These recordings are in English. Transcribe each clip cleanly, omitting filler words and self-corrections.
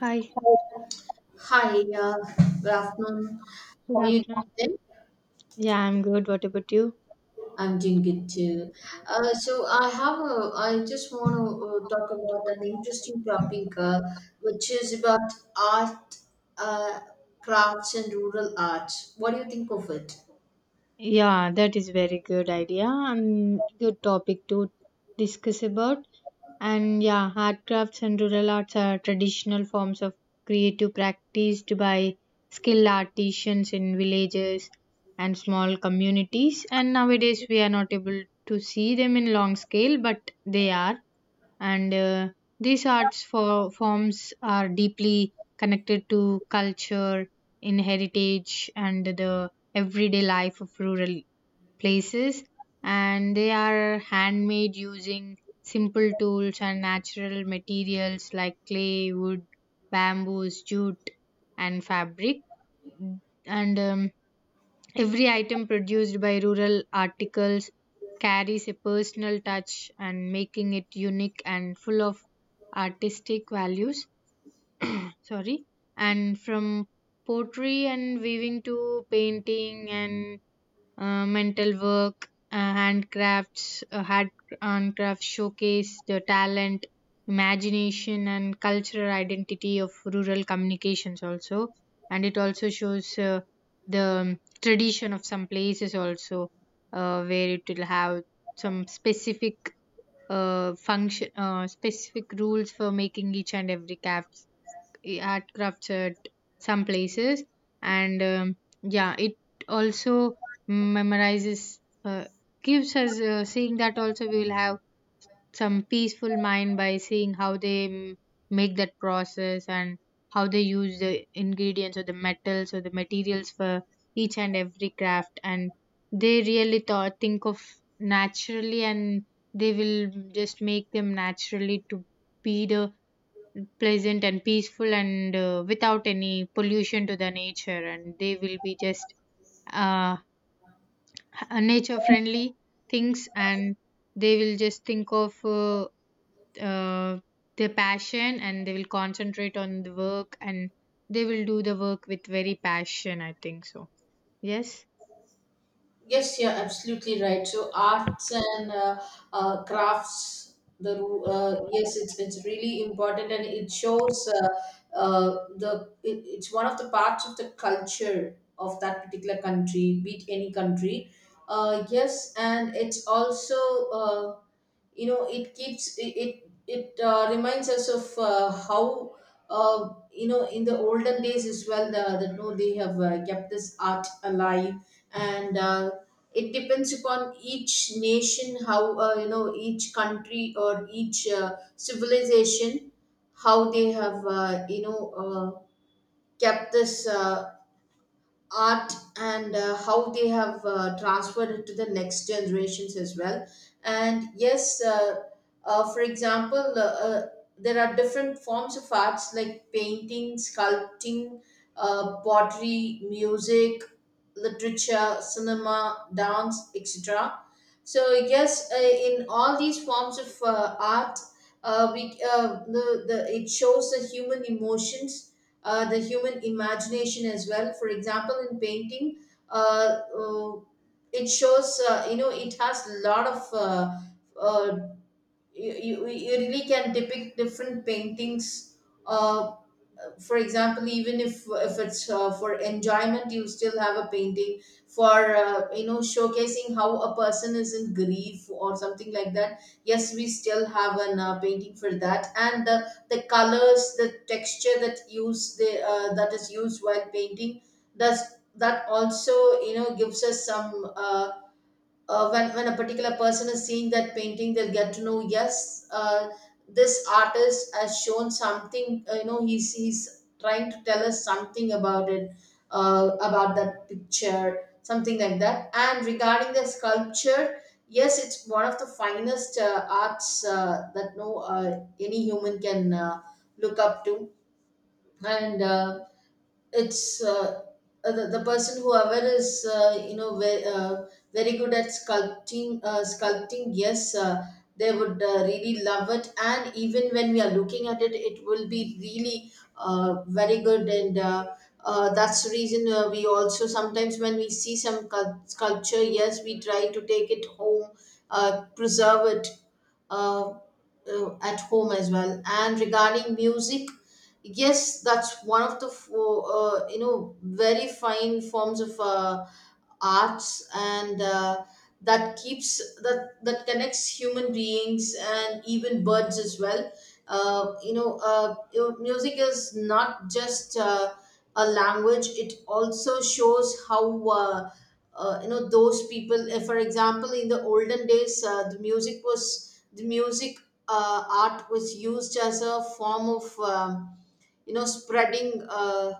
Hi, Hi, good afternoon. good How are you afternoon. doing? Yeah, I'm good. What about you? I'm doing good too. So I just want to talk about an interesting topic, which is about art, uh, crafts, and rural arts. What do you think of it? Yeah, that is very good idea and good topic to discuss about. And yeah, handcrafts and rural arts are traditional forms of creative practiced by skilled artisans in villages and small communities. And nowadays we are not able to see them in long scale, but they are. And These arts for forms are deeply connected to culture in heritage and the everyday life of rural places, and they are handmade using simple tools and natural materials like clay, wood, bamboos, jute, and fabric. And Every item produced by Rural Articles carries a personal touch and making it unique and full of artistic values. Sorry. And from pottery and weaving to painting and mental work, handcrafts showcase the talent, imagination, and cultural identity of rural communications also. And it also shows the tradition of some places also, where it will have some specific function, specific rules for making each and every craft art crafts at some places, and yeah, it also memorizes, uh, gives us seeing that also we will have some peaceful mind by seeing how they make that process, and how they use the ingredients or the metals or the materials for each and every craft, and they really thought think of naturally, and they will just make them naturally to be the pleasant and peaceful and without any pollution to the nature, and they will be just uh, nature friendly things, and they will just think of uh, their passion, and they will concentrate on the work, and they will do the work with very passion, I think so. Yes. Yes, you're absolutely right. So arts and crafts, yes, it's really important, and it shows uh, it's one of the parts of the culture of that particular country, be it any country. Yes, and it's also. Uh, it keeps it, reminds us of how in the olden days as well the, that no they have kept this art alive, and it depends upon each nation how, each country or each civilization, how they have uh, kept this art, and how they have transferred it to the next generations as well. And yes, for example, there are different forms of arts like painting, sculpting, pottery, music, literature, cinema, dance, etc. So yes, in all these forms of art, the it shows the human emotions, the human imagination as well. For example, in painting, uh, uh, it shows, it has a lot of uh, you really can depict different paintings. Uh, for example, even if it's for enjoyment, you still have a painting for, showcasing how a person is in grief or something like that. Yes, we still have an painting for that, and the colors, the texture that use, the that is used while painting, does that also, gives us some, when a particular person is seeing that painting, they'll get to know, yes, this artist has shown something, he's trying to tell us something about it, about that picture, something like that. And regarding the sculpture, yes, it's one of the finest arts that no any human can look up to. And it's uh, the person whoever is very, very good at sculpting, yes, they would really love it, and even when we are looking at it, it will be really very good. And that's the reason we also sometimes when we see some sculpture, yes, we try to take it home, preserve it uh, at home as well. And regarding music, yes, that's one of the very fine forms of arts. And that keeps that connects human beings and even birds as well. Music is not just a language, it also shows how, those people, if for example in the olden days, the music art was used as a form of, spreading,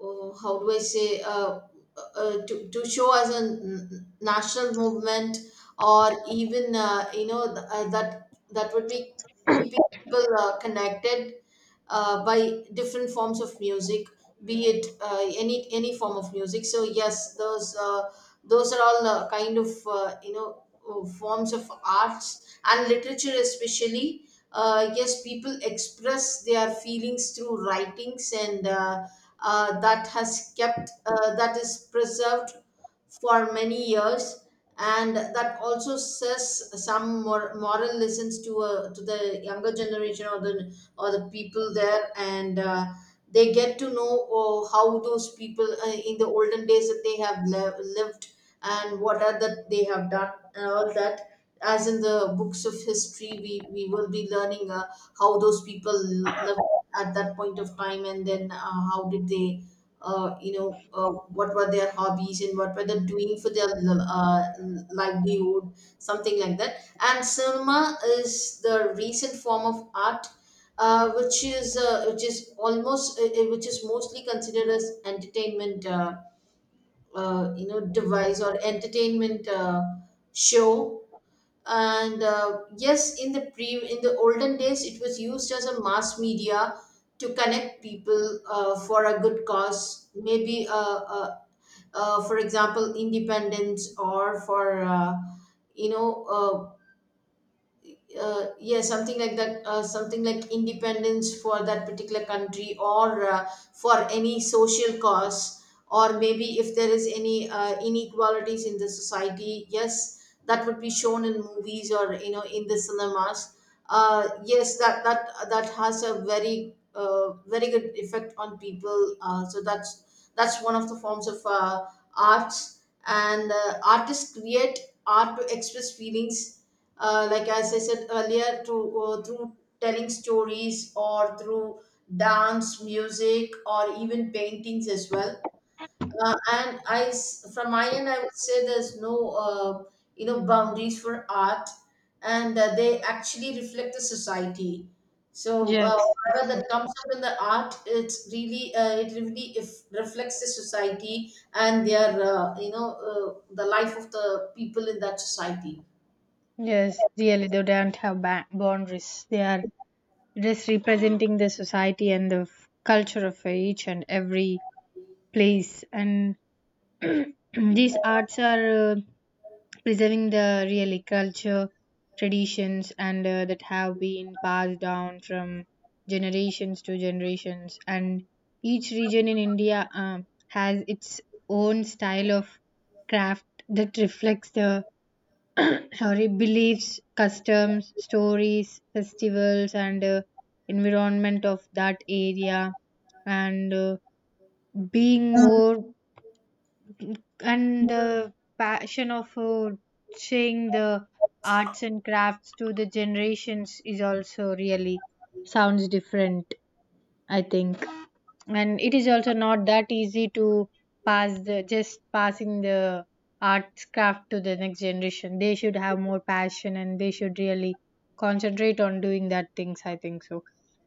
oh, how do I say, to show as a national movement, or even, that that would be keeping people connected by different forms of music, be it any form of music. So yes, those are all kind of, forms of arts and literature, especially. Yes, people express their feelings through writings, and that has kept that is preserved for many years, and that also says some moral lessons to, to the younger generation or the, or the people there. And they get to know, oh, how those people, in the olden days, that they have lived, and what are that they have done and all that. As in the books of history, we will be learning how those people lived at that point of time, and then how did they, what were their hobbies and what were they doing for their livelihood, something like that. And cinema is the recent form of art, which is almost, which is mostly considered as entertainment, device, or entertainment show. And yes, in the pre in the olden days, it was used as a mass media to connect people, for a good cause, maybe, uh, for example independence, or for, you know uh, yeah, something like that, something like independence for that particular country, or for any social cause, or maybe if there is any inequalities in the society, yes, that would be shown in movies, or you know in the cinemas. Yes, that that has a very very good effect on people. So that's one of the forms of arts. And artists create art to express feelings, like as I said earlier, through, through telling stories, or through dance, music, or even paintings as well. From my end, I would say there's no, boundaries for art, and they actually reflect the society. So Yes. whatever that comes up in the art, it's really it really if reflects the society and their, the life of the people in that society. Yes, really, they don't have boundaries. They are just representing the society and the culture of each and every place. And these arts are preserving the really culture, traditions, and that have been passed down from generations to generations. And each region in India has its own style of craft that reflects the sorry, beliefs, customs, stories, festivals, and environment of that area. And being more, and the passion of saying the arts and crafts to the generations is also really sounds different, I think, and it is also not that easy to pass the just passing the arts craft to the next generation. They should have more passion, and they should really concentrate on doing that things, I think so.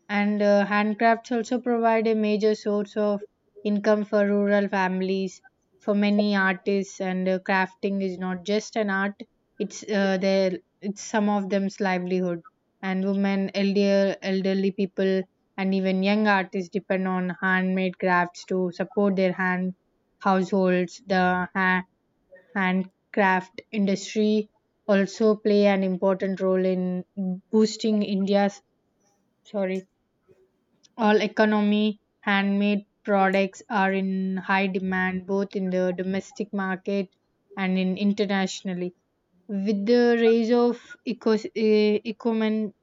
And handcrafts also provide a major source of income for rural families. For many artists, and crafting is not just an art, it's their it's some of them's livelihood. And women, elderly people, and even young artists depend on handmade crafts to support their hand households. The ha- handcraft industry also play an important role in boosting India's, sorry, all economy. Handmade products are in high demand both in the domestic market and in internationally, with the rise of eco- e- ecomen-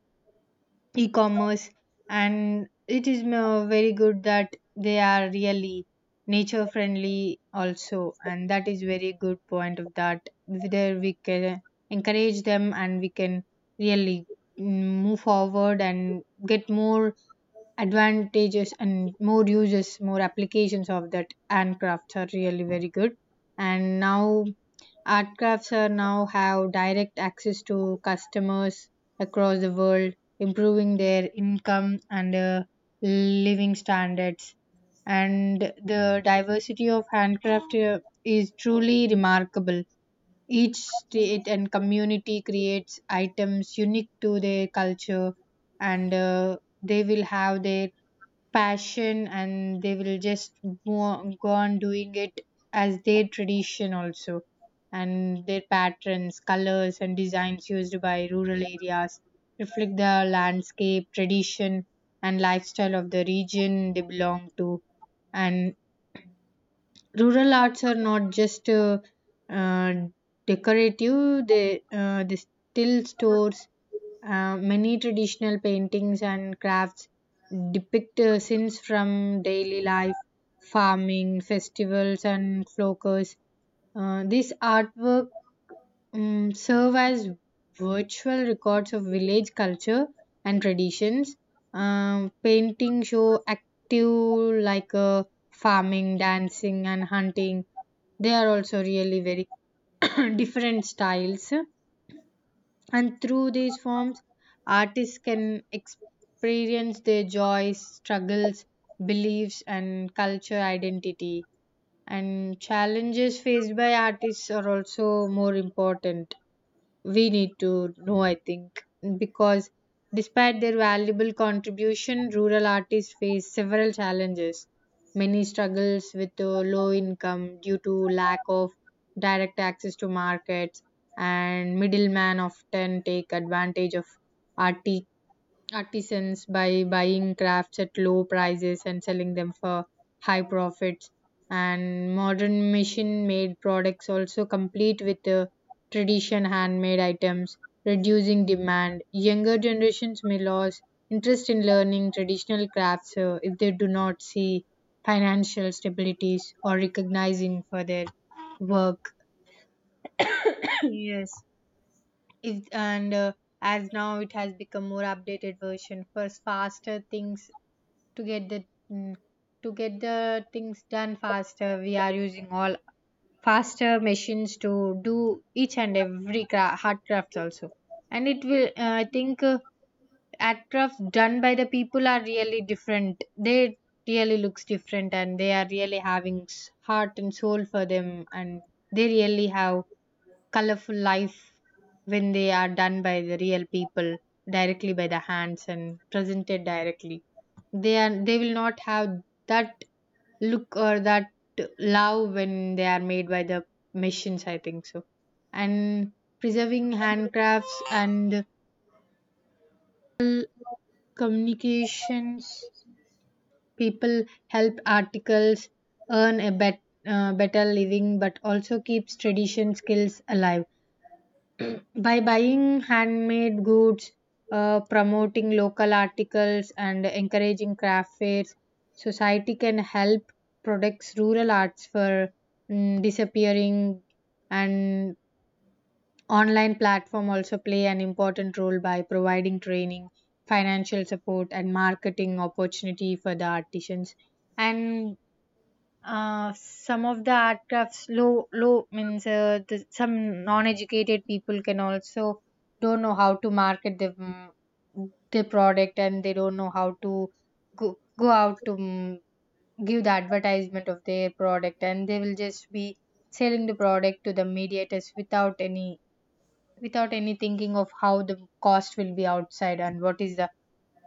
e-commerce. And it is very good that they are really nature friendly also, and that is very good point of that. There we can encourage them, and we can really mm, move forward and get more advantages and more uses, more applications of that handcrafts are really very good. And now art crafts are now have direct access to customers across the world, improving their income and living standards. And the diversity of handcraft is truly remarkable. Each state and community creates items unique to their culture, and they will have their passion, and they will just go on doing it as their tradition also. And their patterns, colors, and designs used by rural areas reflect the landscape, tradition, and lifestyle of the region they belong to. And rural arts are not just uh, decorative, they still stores many traditional paintings and crafts depict scenes from daily life, farming, festivals, and flocks. This artwork serve as virtual records of village culture and traditions. Painting show active like farming, dancing, and hunting. They are also really very different styles, and through these forms, artists can experience their joys, struggles, beliefs, and culture identity. And challenges faced by artists are also more important, we need to know, I think, because despite their valuable contribution, rural artists face several challenges. Many struggles with low income due to lack of direct access to markets, and middlemen often take advantage of arti- artisans by buying crafts at low prices and selling them for high profits. And modern machine made products also complete with the tradition handmade items, reducing demand. Younger generations may lose interest in learning traditional crafts if they do not see financial stabilities or recognizing for their work. Yes, if, and as now it has become more updated version, first faster things to get the mm, to get the things done faster, we are using all faster machines to do each and every hard crafts also. And it will I think at crafts done by the people are really different. They really looks different, and they are really having heart and soul for them, and they really have colorful life when they are done by the real people directly by the hands and presented directly. They are, they will not have that look or that love when they are made by the machines, I think so. And preserving handcrafts and communications people help articles earn a better living, but also keeps tradition skills alive. By buying handmade goods, promoting local articles, and encouraging craft fairs, society can help protect rural arts for, disappearing. And online platform also play an important role by providing training, financial support, and marketing opportunity for the artisans. And some of the art crafts low low means some non-educated people can also don't know how to market the, the product, and they don't know how to go out to, give the advertisement of their product, and they will just be selling the product to the mediators without any, without any thinking of how the cost will be outside, and what is the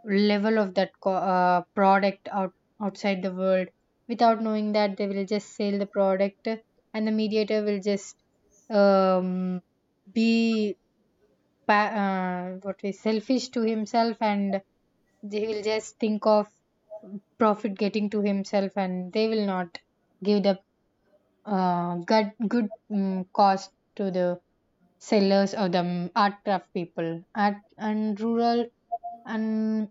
level of that product out, outside the world. Without knowing that they will just sell the product, and the mediator will just um, be what is selfish to himself, and they will just think of profit getting to himself, and they will not give the good cost to the sellers or the art craft people at and rural. And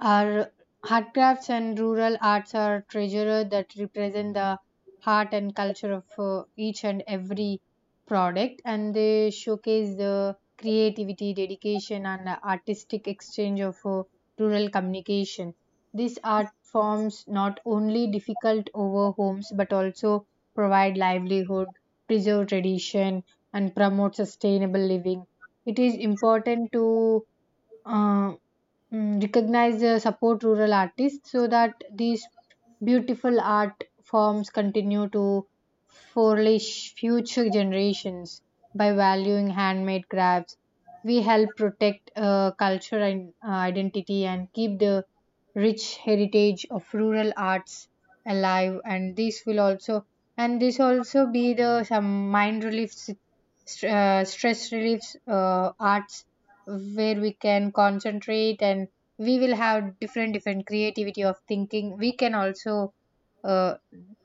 our handcrafts and rural arts are treasures that represent the heart and culture of each and every product, and they showcase the creativity, dedication, and artistic exchange of rural communication. These art forms not only difficult over homes but also provide livelihood, preserve tradition, and promote sustainable living. It is important to uh, recognize support rural artists so that these beautiful art forms continue to flourish future generations. By valuing handmade crafts, we help protect culture and identity, and keep the rich heritage of rural arts alive. And this will also, and this also be the some mind relief stress relief arts, where we can concentrate, and we will have different different creativity of thinking. We can also, uh,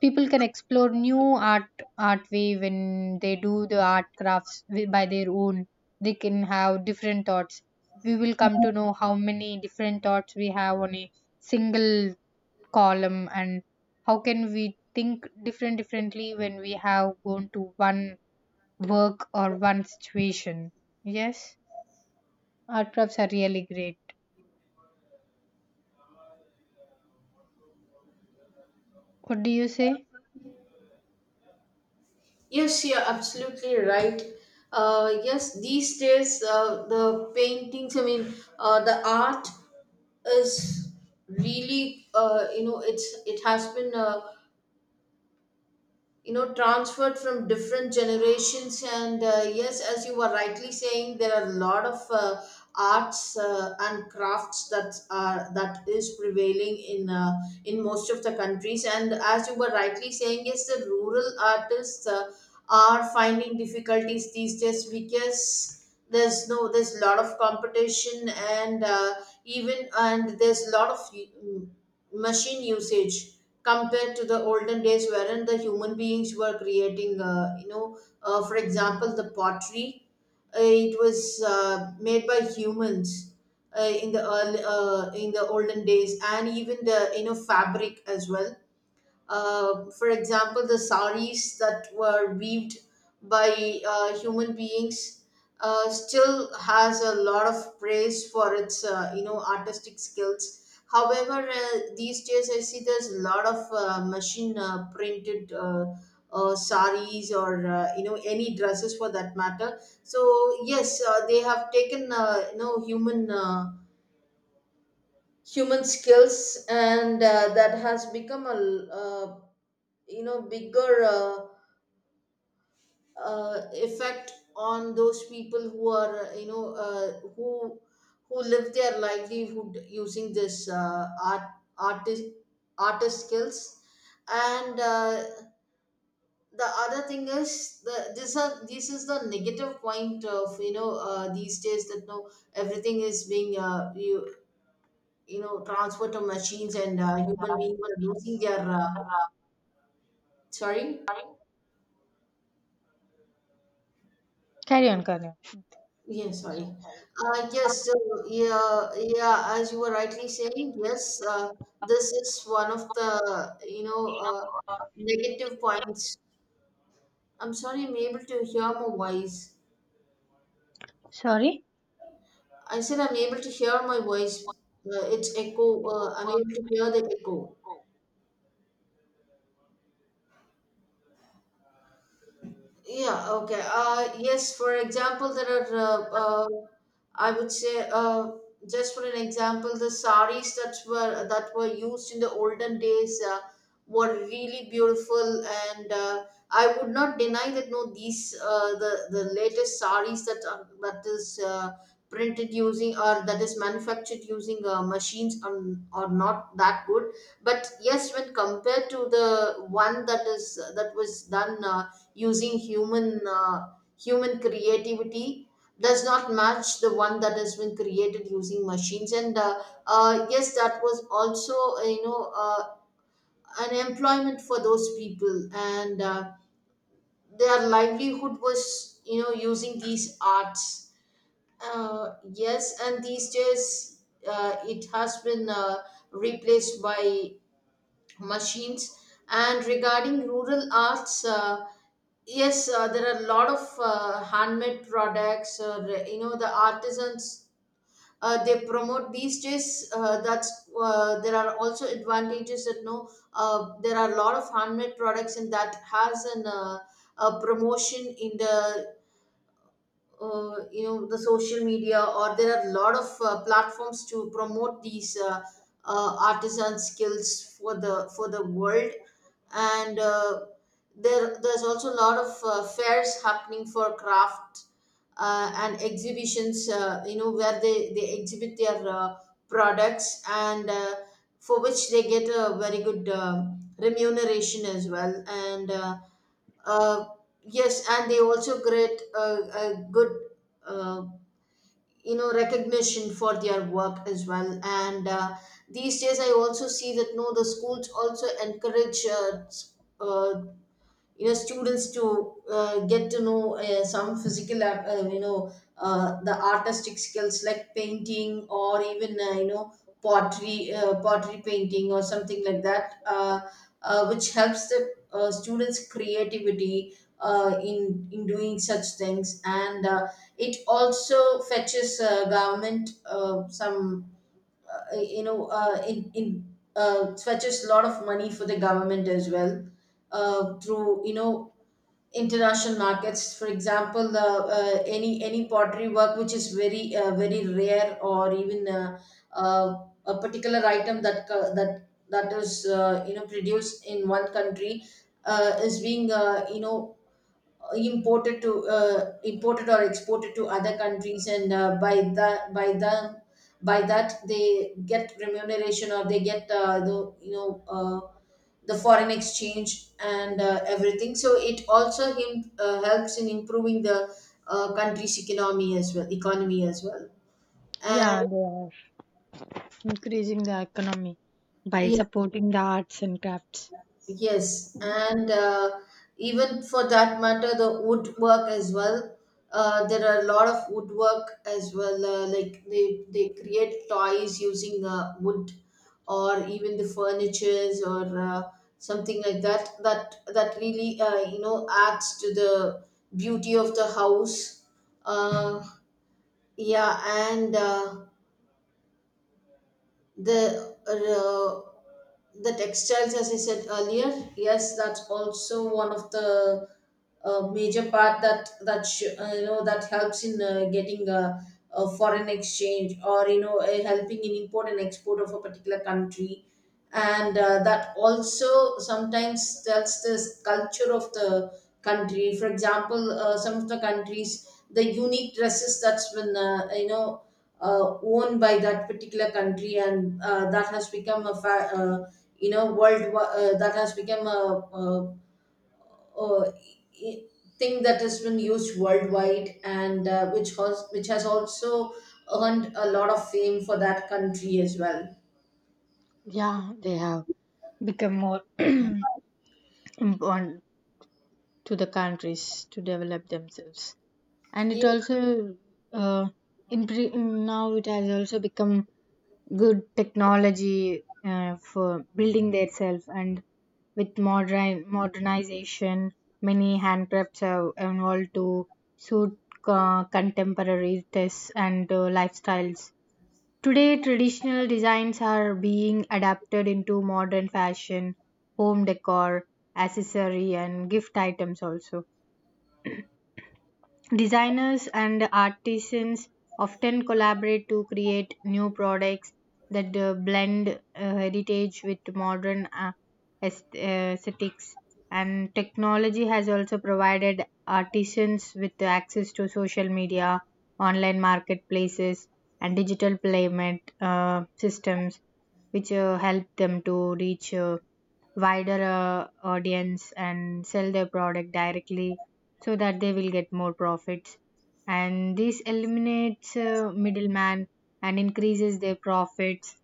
people can explore new art art way when they do the art crafts by their own. They can have different thoughts, we will come to know how many different thoughts we have on a single column, and how can we think different differently when we have gone to one work or one situation. Yes. Art crafts are really great. What do you say? Yes, you're absolutely right. Yes, these days, the paintings, I mean, the art is really, it's it has been. Transferred from different generations. And yes, as you were rightly saying, there are a lot of arts and crafts that are that is prevailing in, in most of the countries. And as you were rightly saying, yes, the rural artists are finding difficulties these days because there's no there's a lot of competition. And even and there's a lot of machine usage compared to the olden days, wherein the human beings were creating, for example the pottery, it was made by humans in the early, in the olden days. And even the, fabric as well, for example, the saris that were weaved by human beings still has a lot of praise for its, artistic skills. However, these days I see there's a lot of machine printed saris, or, any dresses for that matter. So yes, they have taken, human. Human skills, and that has become a, bigger effect on those people who are, who live their livelihood using this art artist artist skills. And the other thing is the this are this is the negative point of, these days, that no everything is being, you know, transferred to machines, and human beings are losing their sorry. Carry on, carry on. Yeah, sorry. Yes, so yeah, yeah, as you were rightly saying, yes, this is one of the, negative points. I'm sorry, I'm able to hear my voice. Sorry? I said I'm able to hear my voice. It's echo. I'm able to hear the echo. Yeah, okay. Yes, for example, there are, I would say, just for an example, the saris that were used in the olden days were really beautiful, and I would not deny that no, these the latest saris that is printed using, or that is manufactured using machines, are not that good. But yes, when compared to the one that is that was done. Using human creativity does not match the one that has been created using machines. And yes, that was also, an employment for those people. And their livelihood was, using these arts. Yes, and these days it has been replaced by machines. And regarding rural arts, yes, there are a lot of handmade products, or, the artisans, they promote these days, that's there are also advantages that no, there are a lot of handmade products, and that has an, a promotion in the, the social media, or there are a lot of platforms to promote these artisan skills for the world. And there's also a lot of fairs happening for craft and exhibitions, where they exhibit their products. And for which they get a very good remuneration as well. And uh, yes, and they also get a good uh, recognition for their work as well. And these days I also see that no the schools also encourage, students to get to know some physical the artistic skills like painting, or even, pottery, pottery painting or something like that, which helps the students creativity in doing such things. And it also fetches government some, you know in fetches a lot of money for the government as well, through, international markets. For example, any pottery work which is very very rare, or even, a particular item that that that is, produced in one country, is being, imported to, imported or exported to other countries. And by that, by that they get remuneration, or they get the, the foreign exchange and everything. So it also him helps in improving the country's economy as well, and Yeah, they are increasing the economy by yeah. supporting the arts and crafts. Yes, and even for that matter, the woodwork as well. There are a lot of woodwork as well. Like they create toys using wood, or even the furnitures or something like that. That that really, adds to the beauty of the house. Uh, yeah, and. The The textiles, as I said earlier, yes, that's also one of the major part, that that sh- you know that helps in getting a foreign exchange, or, helping in import and export of a particular country. And that also sometimes tells this culture of the country. For example, some of the countries, the unique dresses that's been, owned by that particular country. And that has become a uh, world, that has become a, a i- thing that has been used worldwide. And which has also earned a lot of fame for that country as well. Yeah, they have become more important to the countries to develop themselves. And it also, uh, now it has also become good technology for building themselves, and with modernization many handcrafts have evolved to suit contemporary tastes and lifestyles. Today traditional designs are being adapted into modern fashion, home decor, accessory, and gift items also. Designers and artisans often collaborate to create new products that blend heritage with modern aesthetics. And technology has also provided artisans with the access to social media, online marketplaces, and digital payment systems, which help them to reach wider audience and sell their product directly, so that they will get more profits, and this eliminates middleman and increases their profits.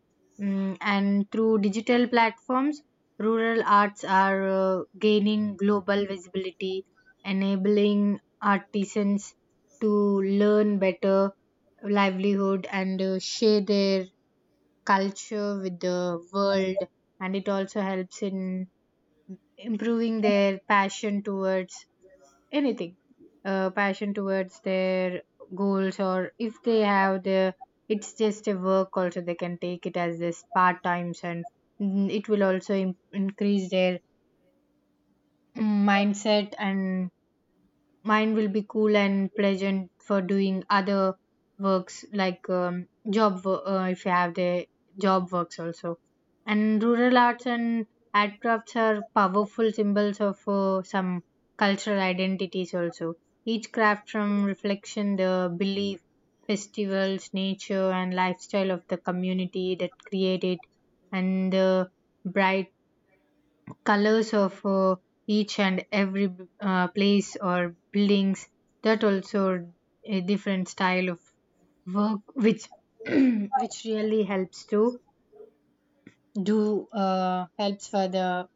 And through digital platforms, rural arts are gaining global visibility, enabling artisans to learn better livelihood and share their culture with the world. And it also helps in improving their passion towards anything passion towards their goals, or if they have the, it's just a work also, they can take it as this part times. And it will also increase their mindset, and mine will be cool and pleasant for doing other works, like job if you have the job works also. And rural arts and art crafts are powerful symbols of some cultural identities also. Each craft from reflection, the belief, festivals, nature, and lifestyle of the community that create it, and the bright colors of each and every place or buildings, that also a different style of work, which which really helps to do helps for the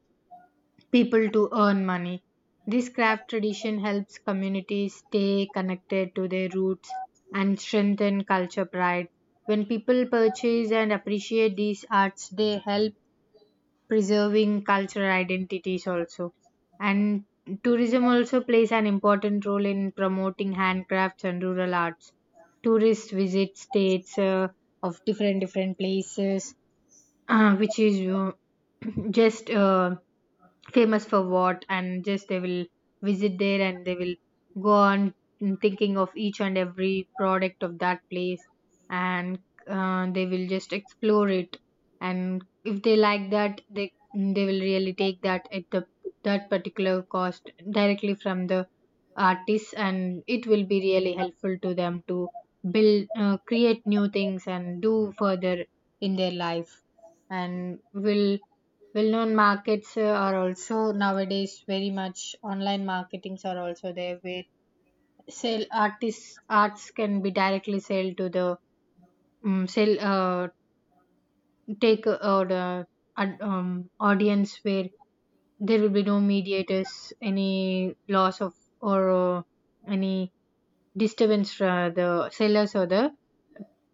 people to earn money. This craft tradition helps communities stay connected to their roots and strengthen culture pride. When people purchase and appreciate these arts, they help preserving cultural identities also. And tourism also plays an important role in promoting handcrafts and rural arts. Tourists visit states of different different places, which is just famous for what, and just they will visit there, and they will go on thinking of each and every product of that place. And they will just explore it, and if they like that, they will really take that at the that particular cost directly from the artists, and it will be really helpful to them to build create new things and do further in their life. And will well-known markets are also nowadays, very much online marketings are also there, where sell artists arts can be directly sell to the sell take the audience, where there will be no mediators, any loss of, or any disturbance for the sellers or the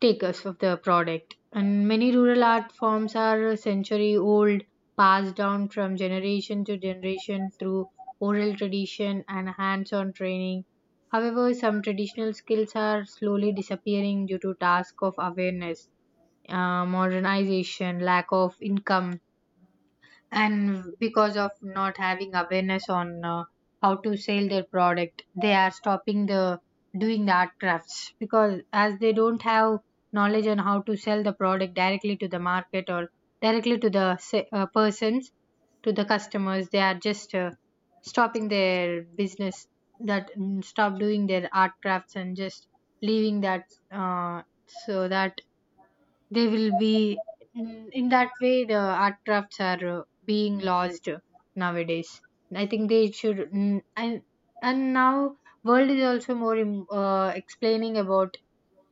takers of the product. And many rural art forms are century old, passed down from generation to generation through oral tradition and hands on training. However, some traditional skills are slowly disappearing due to task of awareness, modernization, lack of income, and because of not having awareness on how to sell their product, they are stopping the doing the art crafts, because as they don't have knowledge on how to sell the product directly to the market or directly to the persons, to the customers, they are just stopping their business, that stop doing their art crafts and just leaving that, uh, so that they will be in in that way the art crafts are being lost nowadays. I think they should, and now world is also more explaining about,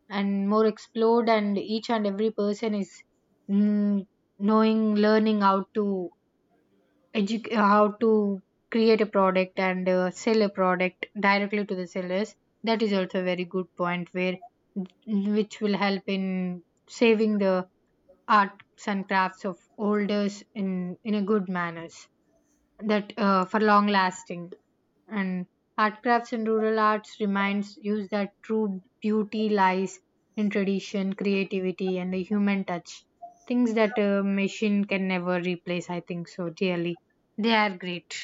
and more explored, and each and every person is mm, knowing, learning how to educate, how to create a product and sell a product directly to the sellers. That is also a very good point, where which will help in saving the arts and crafts of olders in a good manners, that for long lasting. And art crafts and rural arts reminds use that true beauty lies in tradition, creativity, and the human touch, things that a machine can never replace. I think so, really they are great.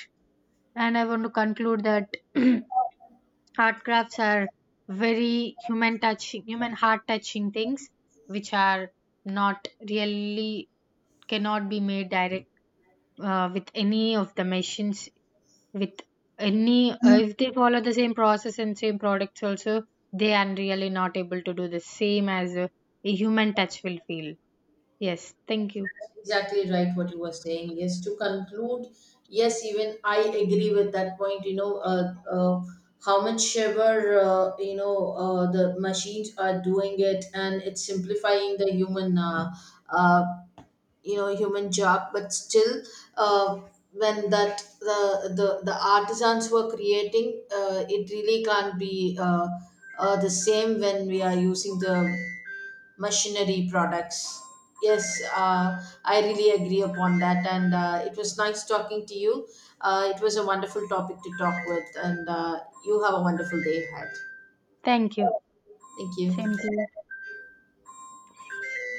And I want to conclude that art crafts are very human touching, human heart touching things, which are not really, cannot be made direct with any of the machines, with any, if they follow the same process and same products also, they are really not able to do the same as a human touch will feel. Yes, thank you. Exactly right what you were saying. Yes, to conclude, yes, even I agree with that point. You know, how much ever, the machines are doing it, and it's simplifying the human, uh, human job. But still, uh, when that the artisans were creating, it really can't be the same when we are using the machinery products. Yes, I really agree upon that, and it was nice talking to you. It was a wonderful topic to talk with, and you have a wonderful day ahead. Thank you. Thank Same you. to you.